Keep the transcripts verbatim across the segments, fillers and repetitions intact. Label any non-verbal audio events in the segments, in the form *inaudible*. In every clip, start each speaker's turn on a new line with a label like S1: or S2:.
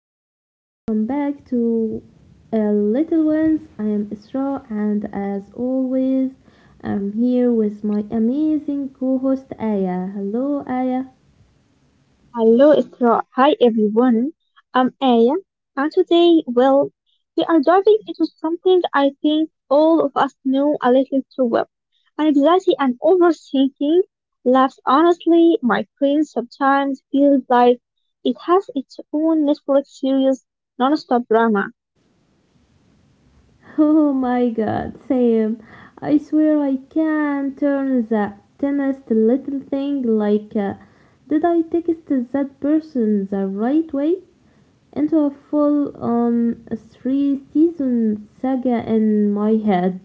S1: everyone, welcome back to uh, Little Ones. I am Isra, and as always, I'm here with my amazing co host Aya. Hello, Aya.
S2: Hello, Isra. Hi, everyone. I'm Aya, and today, well, we are diving into something I think all of us know a little too well. Anxiety and overthinking. Laughs honestly, my brain sometimes feels like it has its own Netflix series, non-stop drama.
S1: *laughs* Oh my god, Sam, I swear I can turn the tiniest little thing like uh, did I text that person the right way into a full on three season saga in my head.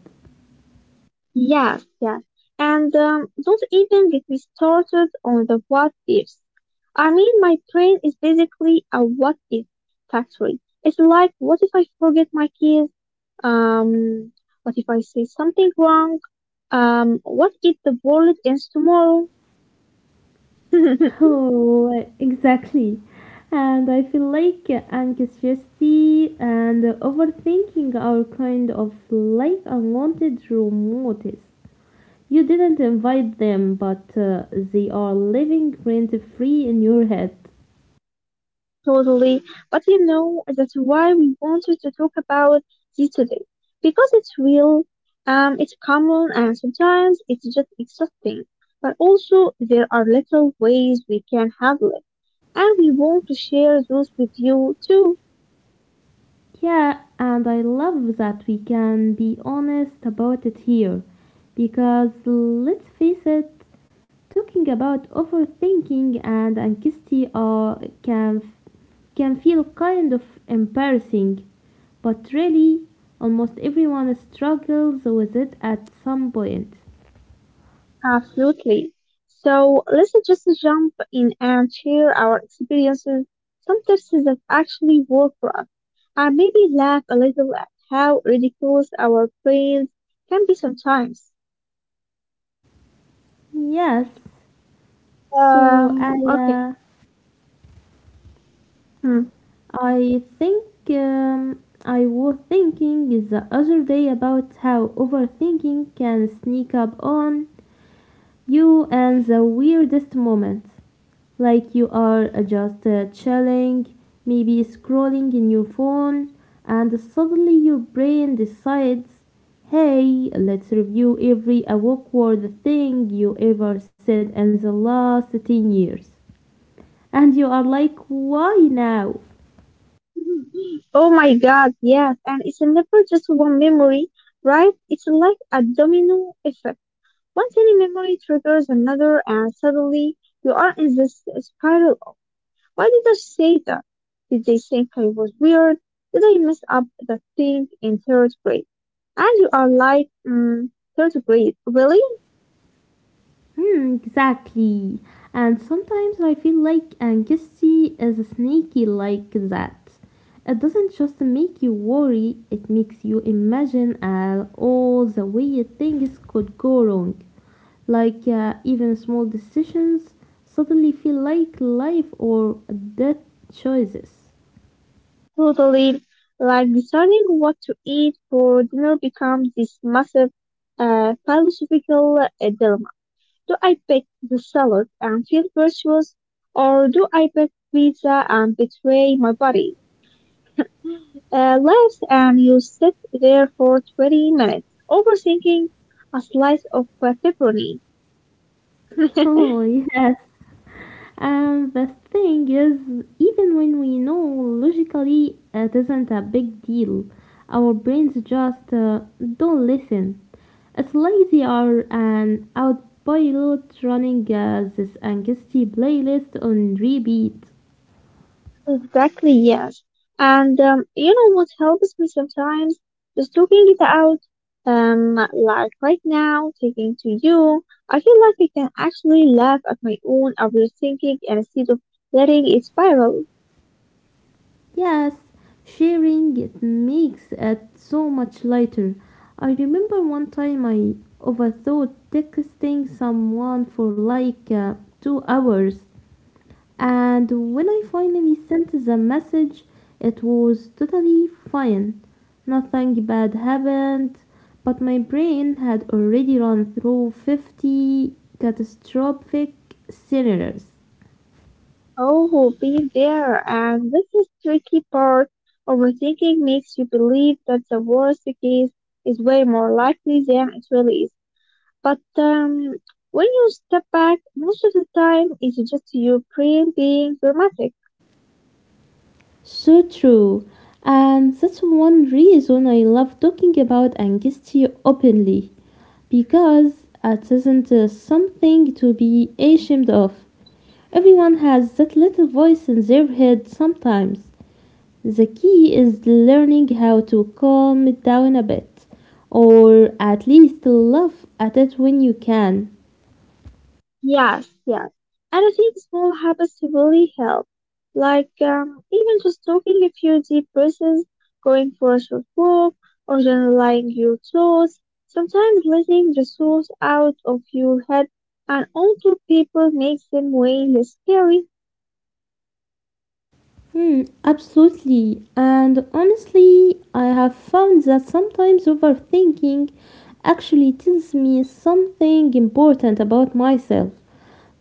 S2: Yes, yes. And um, don't even get me started on the what ifs. I mean, my brain is basically a what if factory. It's like, what if I forget my keys? Um, what if I say something wrong? Um, what if the wallet ends tomorrow?
S1: *laughs*
S2: *laughs*
S1: Oh, exactly. And I feel like anxiety and overthinking are kind of like unwanted roommates. You didn't invite them, but uh, they are living rent free in your head.
S2: Totally. But you know, that's why we wanted to talk about this today. Because it's real, um, it's common, and sometimes it's just exhausting. But also, there are little ways we can handle it. And we want to share those with you too.
S1: Yeah, and I love that we can be honest about it here. Because let's face it, talking about overthinking and anxiety uh, can, can feel kind of embarrassing, but really, almost everyone struggles with it at some point.
S2: Absolutely. So let's just jump in and share our experiences, some tips that actually work for us, and maybe laugh a little at how ridiculous our brains can be sometimes.
S1: Yes, so I,
S2: Um, okay.
S1: uh,
S2: Hmm.
S1: I think um, I was thinking the other day about how overthinking can sneak up on you in the weirdest moments. Like you are uh, just uh, chilling, maybe scrolling in your phone, and suddenly your brain decides, hey, let's review every awkward thing you ever said in the last ten years. And you are like, why now?
S2: Oh my God, yes. And it's never just one memory, right? It's like a domino effect. One tiny memory triggers another, and suddenly you are in this spiral of, why did I say that? Did they think I was weird? Did I mess up the thing in third grade? And you are like, mm, third grade, really?
S1: Hmm, exactly. And sometimes I feel like anxiety is sneaky like that. It doesn't just make you worry, it makes you imagine uh, all the weird things could go wrong. Like uh, even small decisions suddenly feel like life or death choices. *laughs*
S2: Totally. Like deciding what to eat for dinner becomes this massive uh, philosophical uh, dilemma. Do I pick the salad and feel virtuous, or do I pick pizza and betray my body? Uh, last, and you sit there for twenty minutes, overthinking a slice of uh, pepperoni. *laughs*
S1: Oh, yes. And the thing is, even when we know logically uh, it isn't a big deal, our brains just uh, don't listen. It's like they are an autopilot running uh, this anxiety playlist on repeat.
S2: Exactly, yes. And um, you know what helps me sometimes? Just talking it out. Um, like right now, talking to you, I feel like I can actually laugh at my own overthinking and instead of letting it spiral.
S1: Yes, sharing it makes it so much lighter. I remember one time I overthought texting someone for like uh, two hours. And when I finally sent the message, it was totally fine. Nothing bad happened, but my brain had already run through fifty catastrophic scenarios.
S2: Oh, being there, and this is tricky part. Overthinking makes you believe that the worst case is way more likely than it really is. But um, when you step back, most of the time it's just your brain being dramatic.
S1: So true. And that's one reason I love talking about anxiety openly, because it isn't uh, something to be ashamed of. Everyone has that little voice in their head sometimes. The key is learning how to calm it down a bit, or at least laugh at it when you can.
S2: Yes, yes. And I think small habits really help. Like um, even just taking a few deep breaths, going for a short walk, or journaling your thoughts. Sometimes letting the thoughts out of your head and onto people makes them way less scary.
S1: Hmm, absolutely. And honestly, I have found that sometimes overthinking actually tells me something important about myself,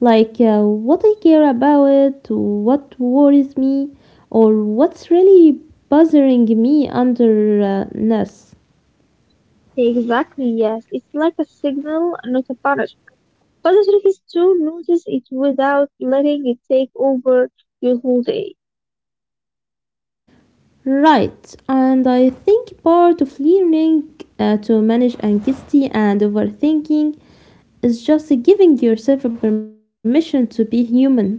S1: like uh, what I care about, what worries me, or what's really bothering me underneath.
S2: Exactly, yes. It's like a signal, not a punishment. Positive is to notice it without letting it take over your whole day.
S1: Right, and I think part of learning uh, to manage anxiety and overthinking is just giving yourself a permission to be human.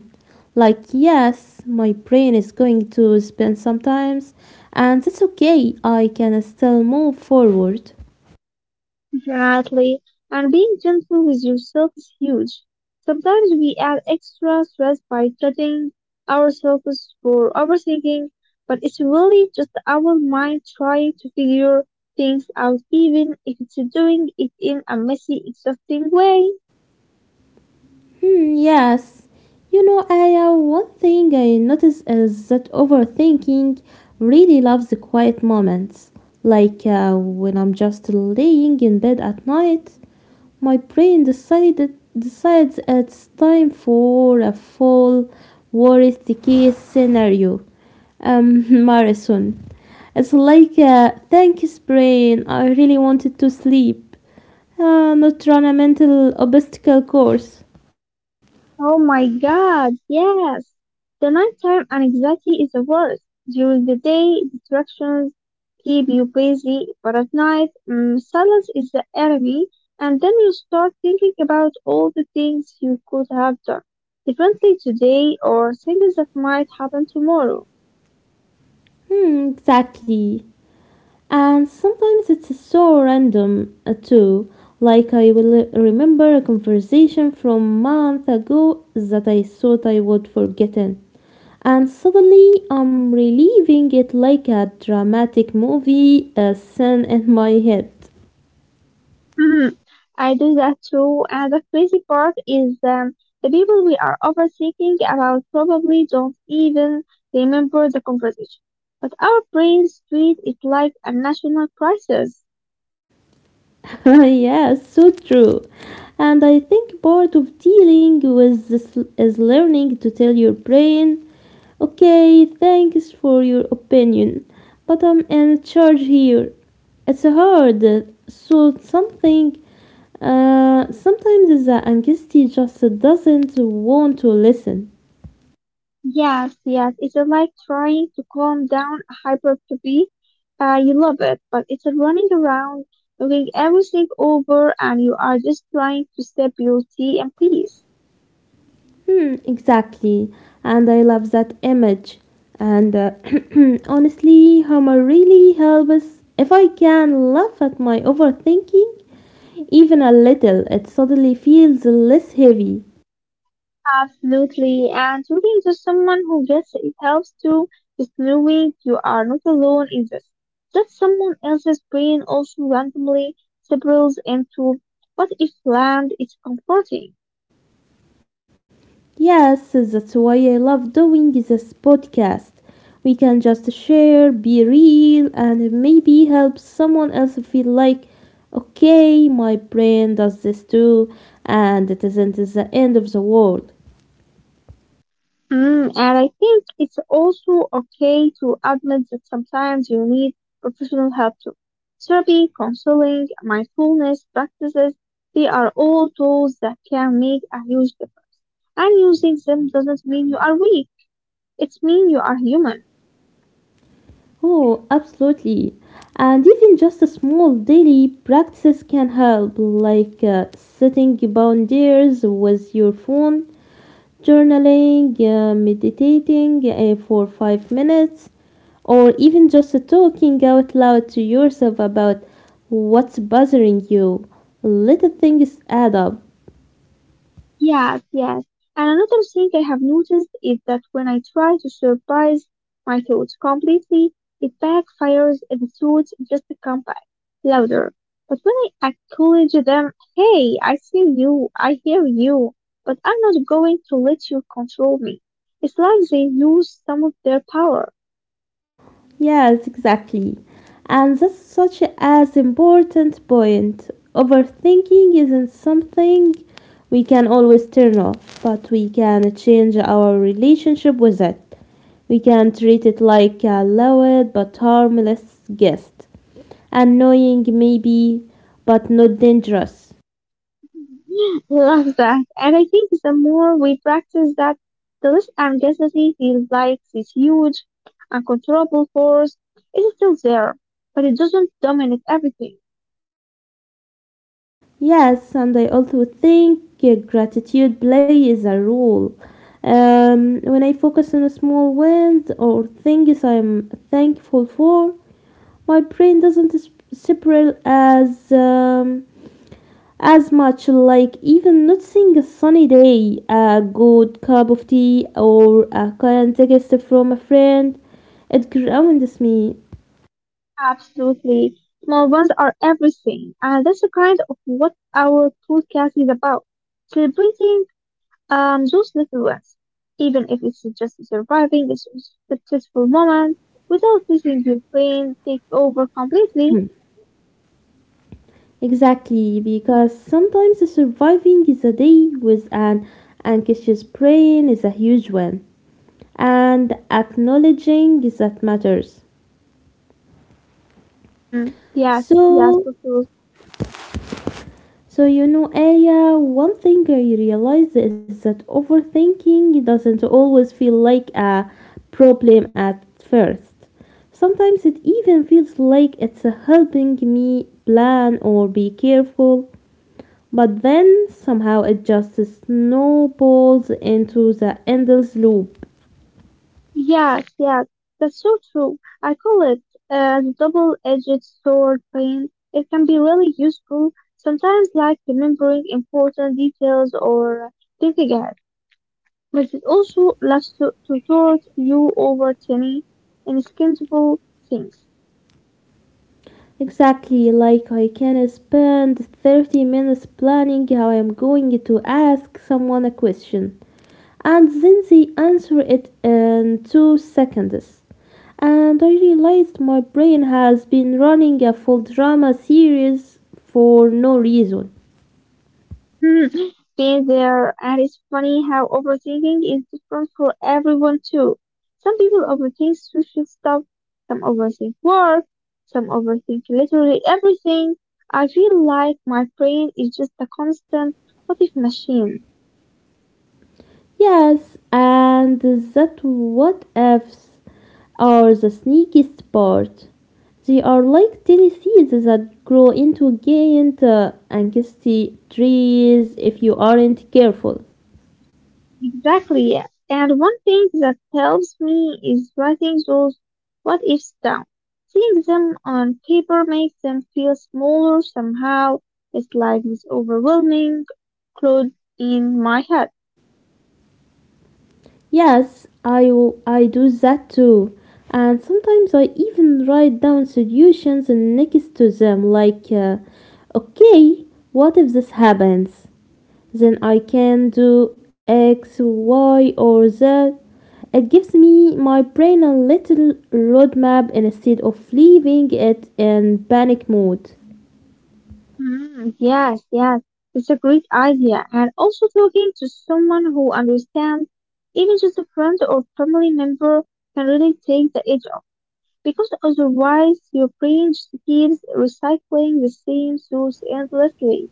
S1: Like, yes, my brain is going to spin sometimes, and that's okay, I can still move forward.
S2: Definitely. And being gentle with yourself is huge. Sometimes we add extra stress by judging ourselves for overthinking, but it's really just our mind trying to figure things out, even if it's doing it in a messy, exhausting way.
S1: Hmm, yes. You know, Aya, one thing I notice is that overthinking really loves the quiet moments. Like uh, when I'm just laying in bed at night, my brain decided decides it's time for a full worst case scenario um, *laughs* marathon. It's like a thanks brain. I really wanted to sleep. Uh, not run a mental obstacle course.
S2: Oh my god, yes! The nighttime anxiety is the worst. During the day, distractions keep you busy, but at night, mm, silence is the enemy, and then you start thinking about all the things you could have done differently today or things that might happen tomorrow.
S1: Hmm, exactly. And sometimes it's so random uh, too. Like I will remember a conversation from month ago that I thought I would forgotten. And suddenly I'm reliving it like a dramatic movie a scene in my head.
S2: Mhm. I do that too. And the crazy part is um, the people we are overthinking about probably don't even remember the conversation. But our brains treat it like a national crisis.
S1: *laughs* Yes, so true. And I think part of dealing with this is learning to tell your brain, okay, thanks for your opinion, but I'm in charge here. It's hard. So something, uh, sometimes the anxiety just doesn't want to listen.
S2: Yes, yes, it's like trying to calm down a hypertrophy. Uh, you love it, but it's running around, looking everything over, and you are just trying to sip your tea in peace.
S1: Hmm, exactly. And I love that image. And uh, *clears throat* honestly, humor really helps. If I can laugh at my overthinking, even a little, it suddenly feels less heavy.
S2: Absolutely. And talking to someone who gets it helps too. Just knowing you are not alone in this. That someone else's brain also randomly spirals into what if land is comforting.
S1: Yes, that's why I love doing this podcast. We can just share, be real, and maybe help someone else feel like, okay, my brain does this too, and it isn't the end of the world.
S2: Mm, and I think it's also okay to admit that sometimes you need professional help too. Therapy, counseling, mindfulness practices, they are all tools that can make a huge difference. And using them doesn't mean you are weak. It means you are human.
S1: Oh, absolutely. And even just a small daily practices can help, like uh, setting boundaries with your phone, journaling, uh, meditating uh, for five minutes, or even just talking out loud to yourself about what's bothering you. Little things add up.
S2: Yes, yes. And another thing I have noticed is that when I try to surprise my thoughts completely, it backfires and the thoughts just come back louder. But when I acknowledge them, hey, I see you, I hear you, but I'm not going to let you control me. It's like they lose some of their power.
S1: Yes, exactly. And that's such as important point. Overthinking isn't something we can always turn off, but we can change our relationship with it. We can treat it like a loud but harmless guest, annoying maybe, but not dangerous.
S2: Love that. And I think the more we practice that, the less ambiguity feels like this huge, uncontrollable force. It is still there, but it doesn't dominate everything.
S1: Yes, and I also think uh, gratitude plays a role. Um, when I focus on small wins or things I'm thankful for, my brain doesn't s- separate as um, as much. Like even noticing a sunny day, a good cup of tea, or a kind text from a friend, it grounds me.
S2: Absolutely. Small ones are everything. And that's the kind of what our podcast is about. Celebrating um, those little ones. Even if it's just surviving a successful moment without letting your brain take over completely.
S1: Exactly, because sometimes surviving is a day with an anxious brain is a huge win, and acknowledging that matters.
S2: Mm, yes, yes,
S1: So,
S2: for sure.
S1: so you know, Aya, one thing I realized is that overthinking doesn't always feel like a problem at first. Sometimes it even feels like it's helping me plan or be careful. But then somehow it just snowballs into the endless loop.
S2: Yes, yes, that's so true. I call it a double-edged sword pain. It can be really useful, sometimes like remembering important details or thinking ahead, but it also loves to, to taunt you over tiny, inexcusable things.
S1: Exactly like I can spend thirty minutes planning how I'm going to ask someone a question, and then they answer it in two seconds. And I realized my brain has been running a full drama series for no reason.
S2: Hmm, been there, and it's funny how overthinking is different for everyone too. Some people overthink social stuff, some overthink work, some overthink literally everything. I feel like my brain is just a constant what if machine.
S1: Yes, and that what ifs are the sneakiest part. They are like tiny seeds that grow into giant uh, angsty trees if you aren't careful.
S2: Exactly. And one thing that helps me is writing those what ifs down. Seeing them on paper makes them feel smaller somehow. It's like this overwhelming cloud in my head.
S1: Yes, I I do that too. And sometimes I even write down solutions next to them, like, uh, okay, what if this happens? Then I can do X, Y, or Z. It gives me my brain a little roadmap instead of leaving it in panic mode.
S2: Mm, yes, yes. It's a great idea. And also talking to someone who understands, even just a friend or family member, can really take the edge off. Because otherwise, your brain just keeps recycling the same thoughts endlessly.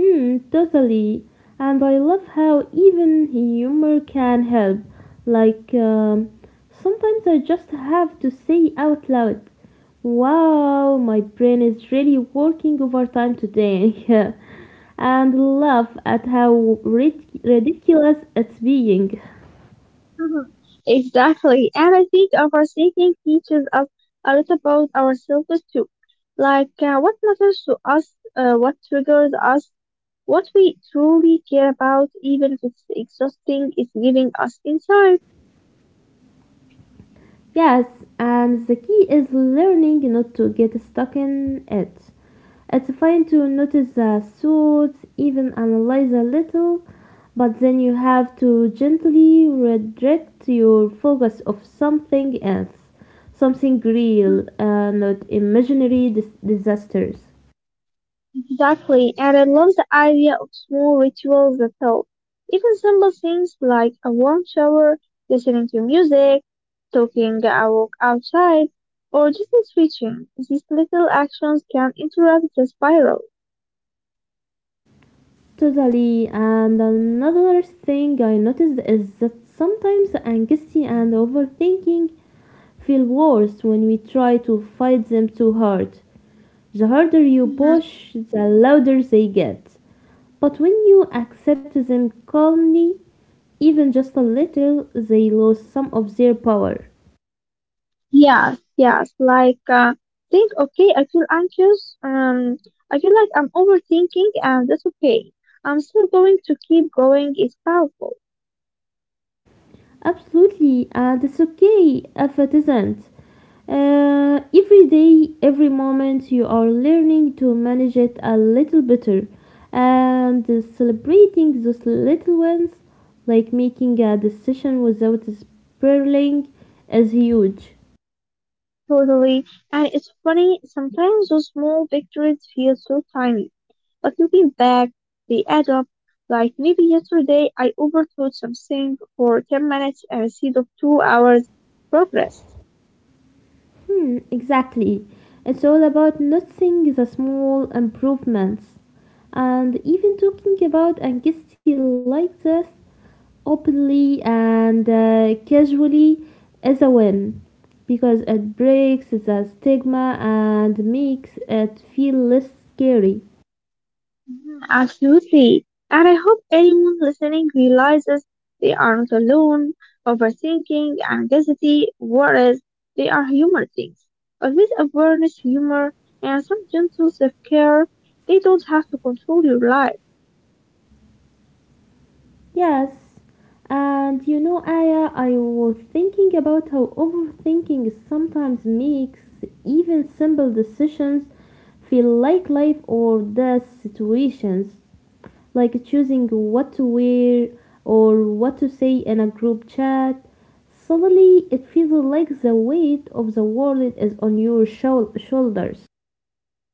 S1: Hmm, totally. And I love how even humor can help. Like, um, sometimes I just have to say out loud, wow, my brain is really working overtime today, *laughs* and laugh at how rid- ridiculous it's being.
S2: Mhm. Exactly. And I think overthinking teaches us a lot about ourselves too. Like uh, what matters to us, uh, what triggers us, what we truly care about, even if it's exhausting, it's giving us insight.
S1: Yes, and the key is learning not to get stuck in it. It's fine to notice the thoughts, even analyze a little, but then you have to gently redirect your focus of something else, something real, uh, not imaginary dis- disasters.
S2: Exactly, and I love the idea of small rituals that help. Even simple things like a warm shower, listening to music, taking a walk outside, or just switching. These little actions can interrupt the spiral.
S1: Totally. And another thing I noticed is that sometimes anxiety and overthinking feel worse when we try to fight them too hard. The harder you
S2: Mhm.
S1: push, the louder they get. But when you accept them calmly, even just a little, they lose some of their power.
S2: Yes, yes, like uh, think, okay, I feel anxious, um, I feel like I'm overthinking, and that's okay. I'm still going to keep going, it's powerful.
S1: Absolutely, and it's okay if it isn't. Uh, every day, every moment, you are learning to manage it a little better and celebrating those little ones, like making a decision without spiraling, is huge.
S2: Totally. And it's funny, sometimes those small victories feel so tiny. But looking back, they add up. Like maybe yesterday I overthought something for ten minutes instead of two hours progress.
S1: Hmm, exactly. It's all about noticing the small improvements. And even talking about anxiety like this openly and uh, casually is a win because it breaks the stigma and makes it feel less scary.
S2: Mhm, absolutely. And I hope anyone listening realizes they are not alone, overthinking, anxiety, worries. They are human things. But with awareness, humor, and some gentle self-care, they don't have to control your life.
S1: Yes, and you know, Aya, I was thinking about how overthinking sometimes makes even simple decisions feel like life or death situations, like choosing what to wear or what to say in a group chat. Suddenly, it feels like the weight of the world is on your shou- shoulders.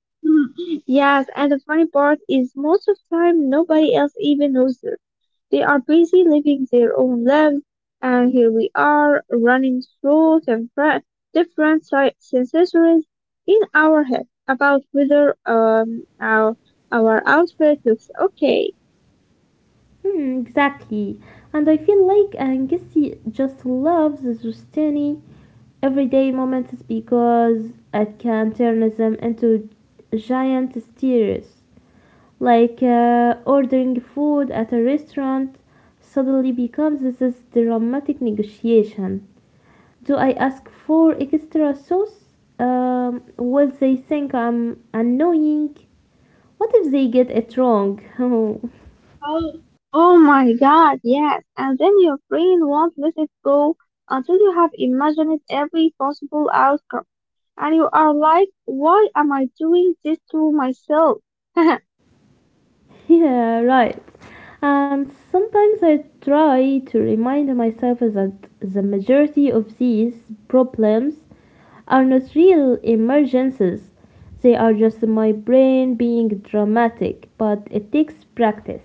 S2: *laughs* Mhm. Yes, and the funny part is most of the time nobody else even knows her. They are busy living their own lives, and here we are running through the fra- different si- sensations in our head about whether um our our outfit looks okay.
S1: Hmm, exactly. And I feel like Angissi just loves those tiny everyday moments because it can turn them into giant stories. Like uh, ordering food at a restaurant suddenly becomes this dramatic negotiation. Do I ask for extra sauce? Um, will they think I'm annoying? What if they get it wrong? *laughs*
S2: Oh, oh my God, yes. And then your brain won't let it go until you have imagined every possible outcome. And you are like, why am I doing this to myself?
S1: Yeah, right. And sometimes I try to remind myself that the majority of these problems are not real emergencies. They are just my brain being dramatic, but it takes practice.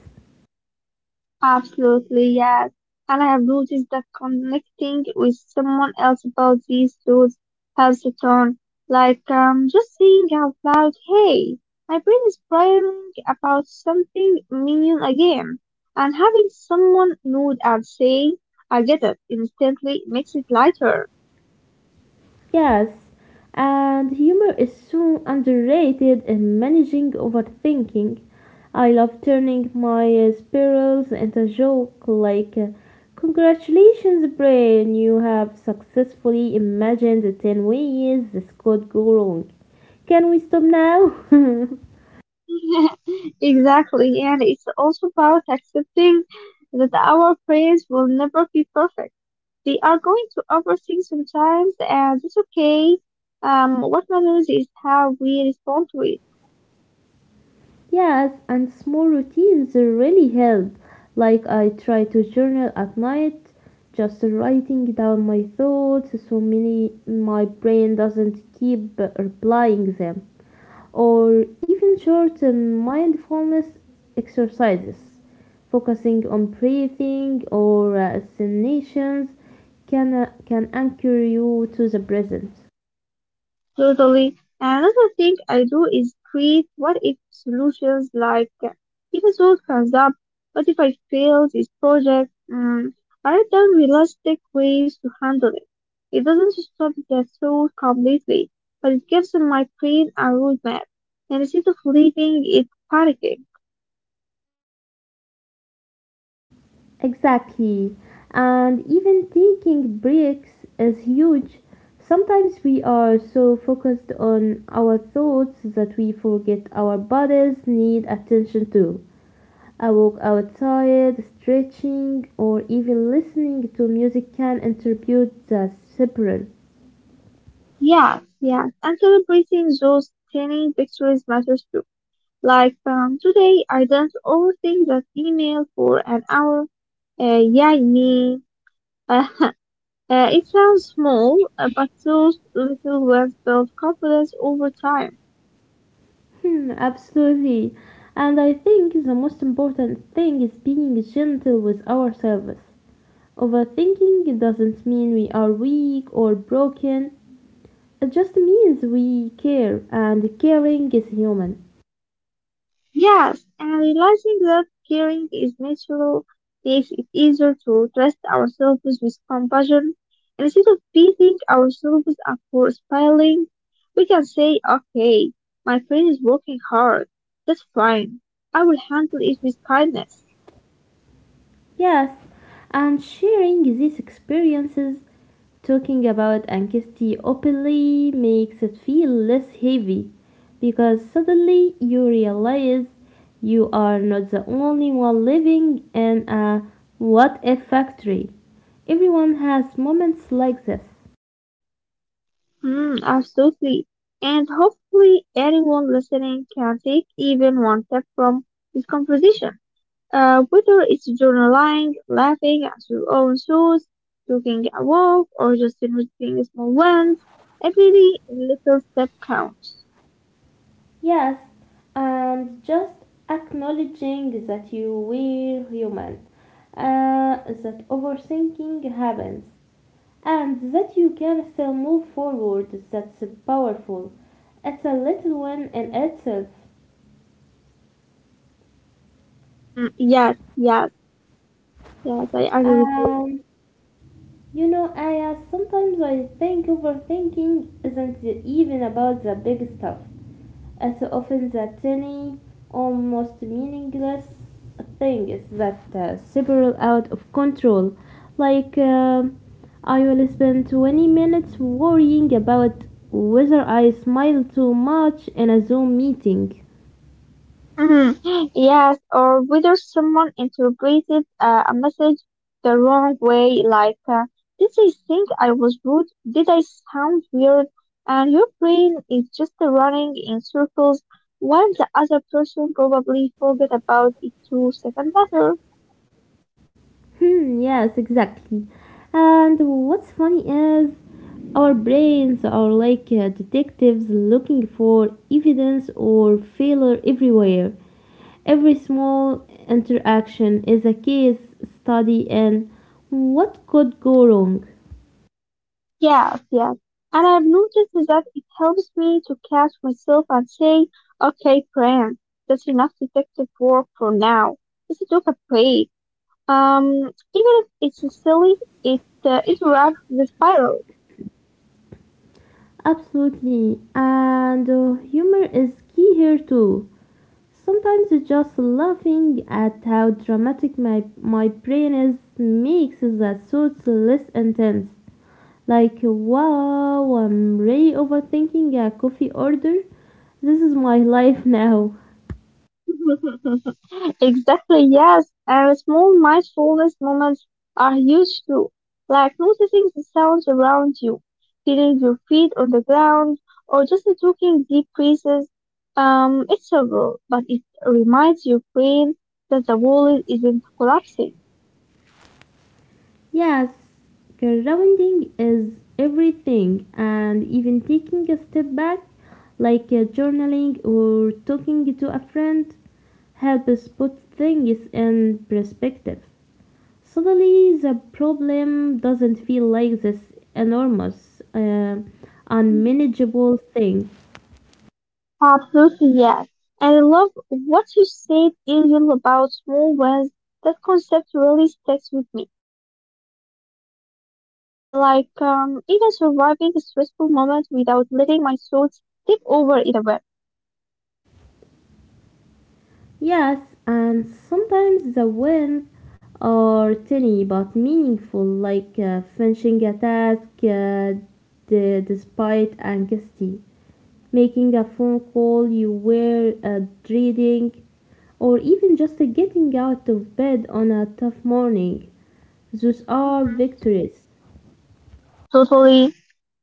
S2: *laughs* Absolutely, yes. And I have noticed that connecting with someone else about these thoughts helps a ton. Like, um, just saying out loud, hey, my brain is bragging about something minion again. And having someone nod and say, I get it, instantly makes it lighter.
S1: Yes, and humor is so underrated in managing overthinking. I love turning my uh, spirals into a joke, like, uh, congratulations, brain, you have successfully imagined ten ways this could go wrong. Can we stop now? *laughs*
S2: *laughs* Exactly, and it's also about accepting that our friends will never be perfect. They are going to overthink sometimes, and it's okay. Um, what matters is how we respond to it.
S1: Yes, and small routines really help. Like I try to journal at night, just writing down my thoughts so many my brain doesn't keep replying them. Or even short um, mindfulness exercises, focusing on breathing or uh, assignations can uh, can anchor you to the present.
S2: Totally. Another thing I do is create what if solutions like uh, if a episode comes up, what if I fail this project? Mm, I write down realistic ways to handle it. It doesn't stop the thought completely, but it gives my brain a roadmap. And instead of leaving it panicking.
S1: Exactly. And even taking breaks is huge. Sometimes we are so focused on our thoughts that we forget our bodies need attention too. A walk outside, stretching, or even listening to music can interpret the separate.
S2: Yes, yes. And celebrating those tiny victories matters too. Like um, today, I didn't overthink that email for an hour. Uh, yeah, me. Uh, *laughs* uh, it sounds small, uh, but those little wins build confidence over time.
S1: Hmm, absolutely. And I think the most important thing is being gentle with ourselves. Overthinking doesn't mean we are weak or broken, it just means we care, and caring is human.
S2: Yes, and realizing that caring is natural makes it easier to trust ourselves with compassion. Instead of beating ourselves up for spiraling, we can say, okay, my friend is working hard. That's fine. I will handle it with kindness.
S1: Yes, and sharing these experiences, talking about anxiety openly makes it feel less heavy because suddenly you realize you are not the only one living in a what if factory. Everyone has moments like this.
S2: Mm, absolutely. And hopefully, anyone listening can take even one step from this conversation. Uh, whether it's journaling, laughing at your own thoughts, taking a walk, or just noticing small ones, every little step counts.
S1: Yes, and just acknowledging that you were human, uh, that overthinking happens, and that you can still move forward, that's powerful. It's a little win in itself.
S2: Mm, yes, yes, yes, I agree with you.
S1: Um, you know, I uh, sometimes I think overthinking isn't even about the big stuff. As often the tiny, almost meaningless things that uh, spiral out of control. Like, um I will spend twenty minutes worrying about whether I smile too much in a Zoom meeting.
S2: Mhm. Yes, or whether someone interpreted uh, a message the wrong way, like, uh, did they think I was rude? Did I sound weird? And your brain is just running in circles while the other person probably forgot about it two seconds later.
S1: Hmm, yes, exactly. And what's funny is our brains are like uh, detectives looking for evidence or failure everywhere. Every small interaction is a case study in what could go wrong.
S2: Yes, yes. And I've noticed that it helps me to catch myself and say, okay, friend, that's enough detective work for now. Let's took a break. Um, even if it's silly, it uh, it wraps the spiral.
S1: Absolutely. And uh, humor is key here too. Sometimes just laughing at how dramatic my, my brain is makes the thoughts less intense. Like, wow, I'm really overthinking a coffee order. This is my *laughs* life now.
S2: *laughs* Exactly. Yes, and small mindfulness moments are huge too. Like noticing the sounds around you, feeling your feet on the ground, or just taking deep breaths. Um, it's subtle, but it reminds your brain that the world isn't collapsing.
S1: Yes, grounding is everything, and even taking a step back, like uh, journaling or talking to a friend, helps put things in perspective. Suddenly, the problem doesn't feel like this enormous, uh, unmanageable thing.
S2: Absolutely, yes. And I love what you said earlier about small wins. That concept really sticks with me. Uh, like, um, even surviving a stressful moment without letting my thoughts take over in a way.
S1: Yes, and sometimes the wins are tiny but meaningful, like uh, finishing a task uh, d- despite anxiety, making a phone call you were uh, dreading, or even just getting out of bed on a tough morning. Those are
S2: Hmm.
S1: victories.
S2: Totally.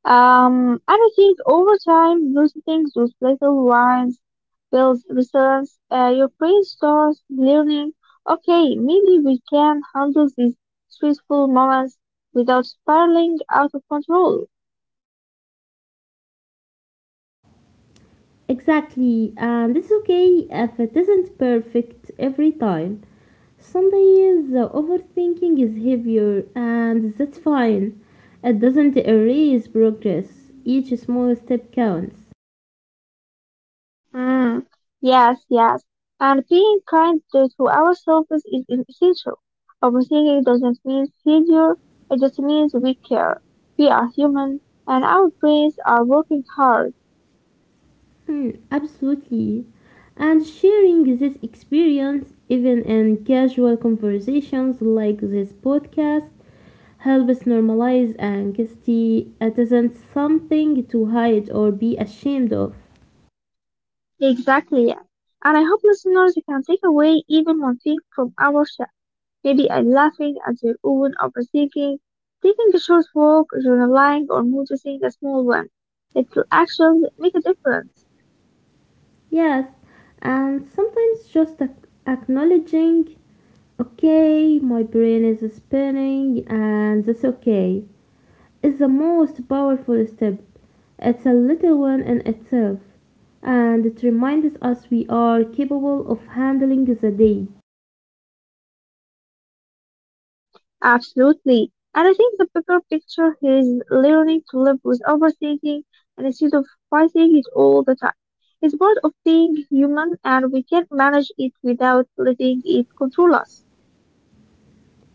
S2: Um, and I think over time, noticing those little ones builds resilience. Uh, your brain starts learning, okay, maybe we can handle these stressful moments without spiraling out of control.
S1: Exactly, and it's okay if it isn't perfect every time. Some days the overthinking is heavier, and that's fine. It doesn't erase progress, each small step counts.
S2: Mm, yes, yes. And being kind to, to ourselves is is essential. Overthinking doesn't mean failure, it just means we care. We are human, and our brains are working hard.
S1: Hmm, absolutely. And sharing this experience, even in casual conversations like this podcast, helps normalize anxiety. It isn't something to hide or be ashamed of.
S2: Exactly, yeah. And I hope listeners can take away even one thing from our show. Maybe a laughing at their own overthinking, taking a short walk, journaling, or noticing a small one. It will actually make a difference.
S1: Yes, and sometimes just ac- acknowledging, okay, my brain is spinning and that's okay, is the most powerful step. It's a little one in itself, and it reminds us we are capable of handling the day.
S2: Absolutely. And I think the bigger picture here is learning to live with overthinking and instead of fighting it all the time. It's part of being human and we can manage it without letting it control us.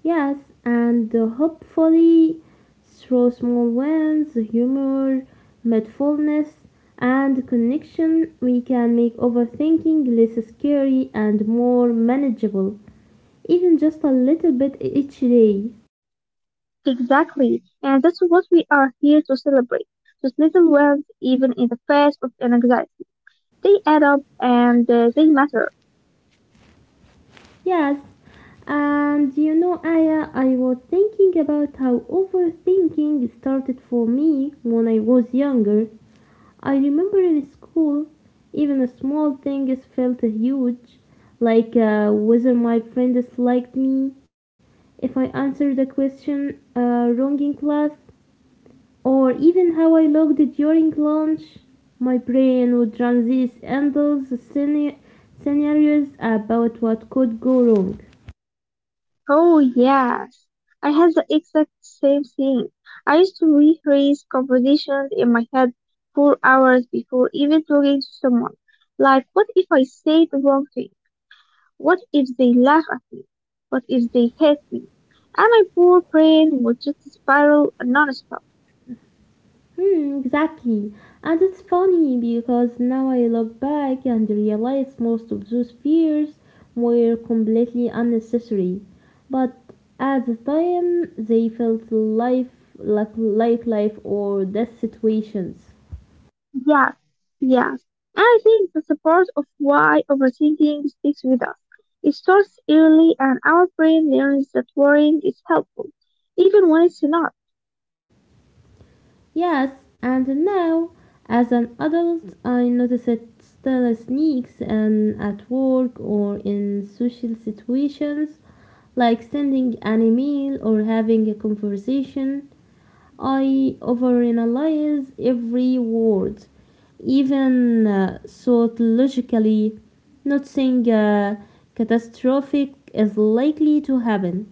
S1: Yes, and uh, hopefully through small wins, humor, mindfulness, and connection, we can make overthinking less scary and more manageable, even just a little bit e-, each day.
S2: Exactly, and that's what we are here to celebrate. Those little wins, even in the face of anxiety, they add up and uh, they matter.
S1: Yes, and you know, Aya, I was thinking about how overthinking started for me when I was younger. I remember in school, even a small thing is felt huge, like uh, whether my friend disliked me, if I answered a question uh, wrong in class, or even how I looked during lunch. My brain would run these endless scena- scenarios about what could go wrong.
S2: Oh yes, I had the exact same thing. I used to rehearse conversations in my head four hours before even talking to someone. Like, what if I say the wrong thing? What if they laugh at me? What if they hate me? And my poor brain would just spiral non.
S1: Hmm, exactly. And it's funny because now I look back and realize most of those fears were completely unnecessary. But at the time, they felt life like, like life or death situations.
S2: Yes, yes. I think the support of why overthinking sticks with us. It starts early and our brain learns that worrying is helpful, even when it's not.
S1: Yes, and now, as an adult, I notice it still sneaks in at work or in social situations, like sending an email or having a conversation. I overanalyze every word, even uh, thought logically. Not saying uh, catastrophic is likely to happen.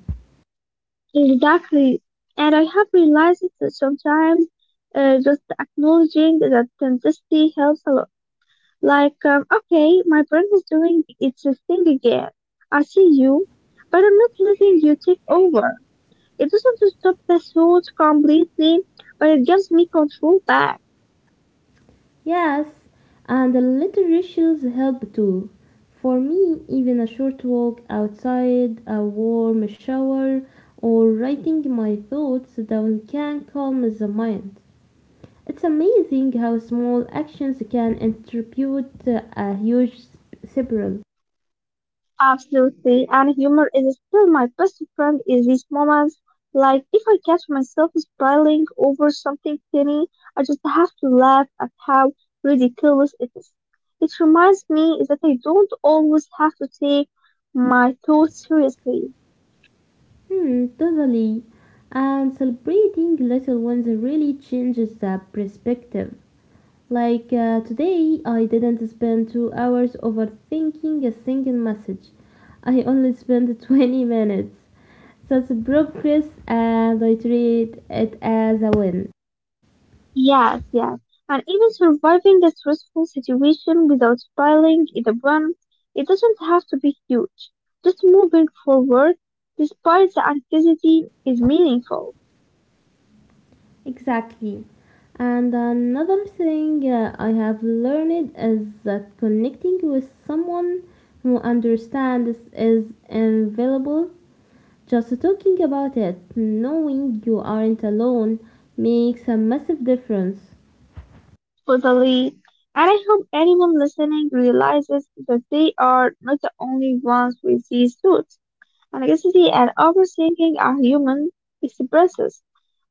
S2: Exactly. And I have realized that sometimes uh, just acknowledging that intensity helps a lot. Like, um, okay, my brain is doing its thing again. I see you, but I'm not letting you take over. It doesn't stop the thought completely, but it gives me control back.
S1: Yes, and the literature's help too. For me, even a short walk outside, a warm shower, or writing my thoughts down can calm the mind. It's amazing how small actions can contribute a huge s- spiral.
S2: Absolutely, and humor is still my best friend in these moments. Like, if I catch myself smiling over something tiny, I just have to laugh at how ridiculous it is. It reminds me that I don't always have to take my thoughts seriously.
S1: Hmm, totally. And celebrating little ones really changes the perspective. Like uh, today, I didn't spend two hours overthinking a single message. I only spent *laughs* twenty minutes. That's progress, and I treat it as a win.
S2: Yes, yes. And even surviving a stressful situation without smiling is a win. It doesn't have to be huge. Just moving forward, despite the anxiety, is meaningful.
S1: Exactly. And another thing uh, I have learned is that connecting with someone who understands is invaluable. Just talking about it, knowing you aren't alone, makes a massive difference.
S2: For the lead, and I hope anyone listening realizes that they are not the only ones with these thoughts. Anxiety and overthinking are human expressions.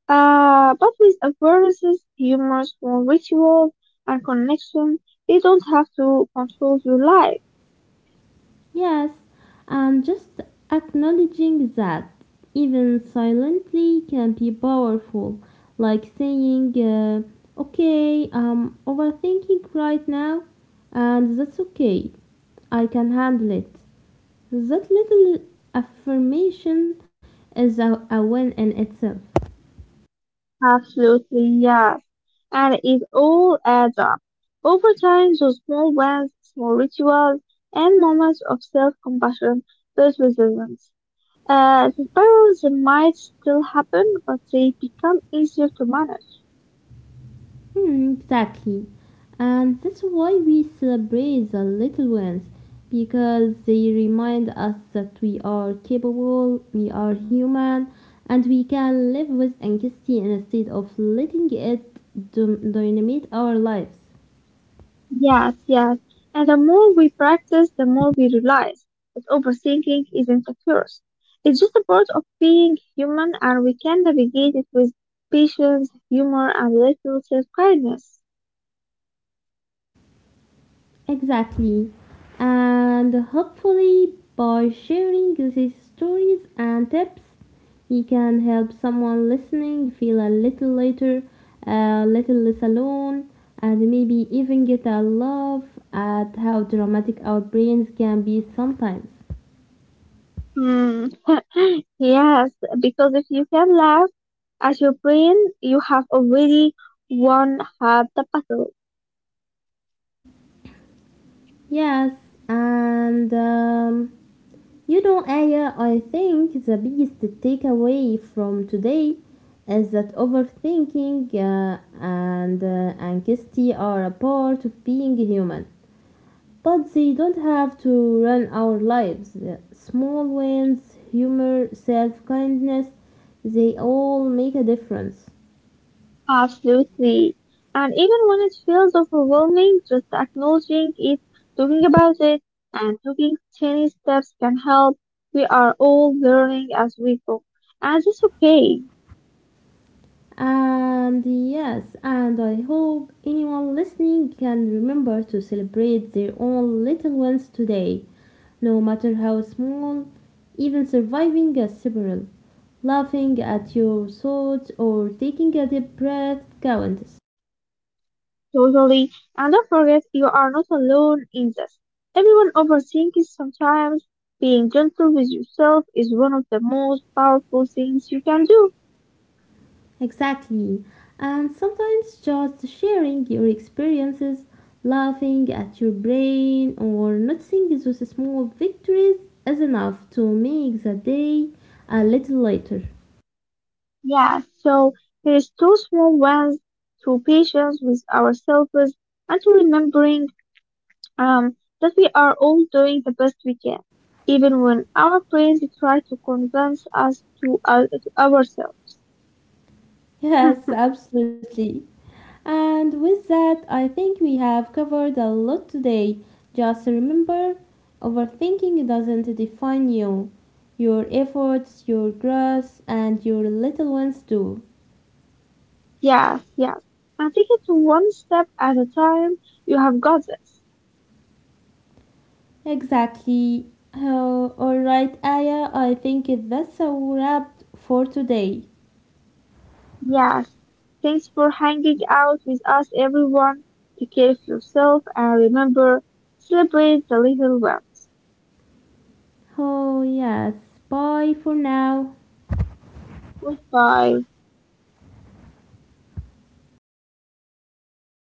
S2: uh, But with awarenesses, humor, small rituals, and connection, they don't have to control your life.
S1: Yes, and just acknowledging that, even silently, can be powerful. Like saying, uh, okay, I'm overthinking right now, and that's okay, I can handle it. That little affirmation is a, a win in itself.
S2: Absolutely, yes. And it all adds up. Over time, those small wins, small rituals, and moments of self-compassion build resilience. Uh, the spirals might still happen, but they become easier to manage.
S1: Hmm, exactly. And that's why we celebrate the little ones, because they remind us that we are capable, we are human, and we can live with anxiety instead of letting it dom- dominate our lives.
S2: Yes, yes. And the more we practice, the more we realize that overthinking isn't a curse. It's just a part of being human, and we can navigate it with patience, humor, and a little self-kindness.
S1: Exactly. And hopefully, by sharing these stories and tips, we can help someone listening feel a little lighter, a little less alone, and maybe even get a laugh at how dramatic our brains can be sometimes.
S2: Hmm. *laughs* Yes, because if you can laugh at your brain, you have already won half the battle.
S1: Yes, and um, you know, Aya, I think the biggest takeaway from today is that overthinking uh, and uh, anxiety are a part of being human, but they don't have to run our lives. Uh, Small wins, humor, self kindness, they all make a difference.
S2: Absolutely. And even when it feels overwhelming, just acknowledging it, talking about it, and taking tiny steps can help. We are all learning as we go. And it's okay.
S1: And yes, and I hope anyone listening can remember to celebrate their own little wins today, no matter how small, even surviving a spiral, laughing at your thoughts, or taking a deep breath counts.
S2: Totally. And don't forget, you are not alone in this. Everyone overthinks sometimes. Being gentle with yourself is one of the most powerful things you can do.
S1: Exactly. And sometimes just sharing your experiences, laughing at your brain, or noticing those small victories is enough to make the day a little lighter.
S2: Yeah, so here's two small ones to patience with ourselves and to remembering um, that we are all doing the best we can, even when our brains try to convince us to, uh, to ourselves. Hmm.
S1: Yes, absolutely. And with that, I think we have covered a lot today. Just remember, overthinking doesn't define you. Your efforts, your growth, and your little ones do.
S2: Yes, yes. And take it one step at a time. You have got this.
S1: Exactly. Oh, all right, Aya, I think that's a wrap for today.
S2: Yes. Thanks for hanging out with us, everyone. Take care of yourself and remember, celebrate the little ones.
S1: Oh, yes. Bye for now.
S2: Goodbye.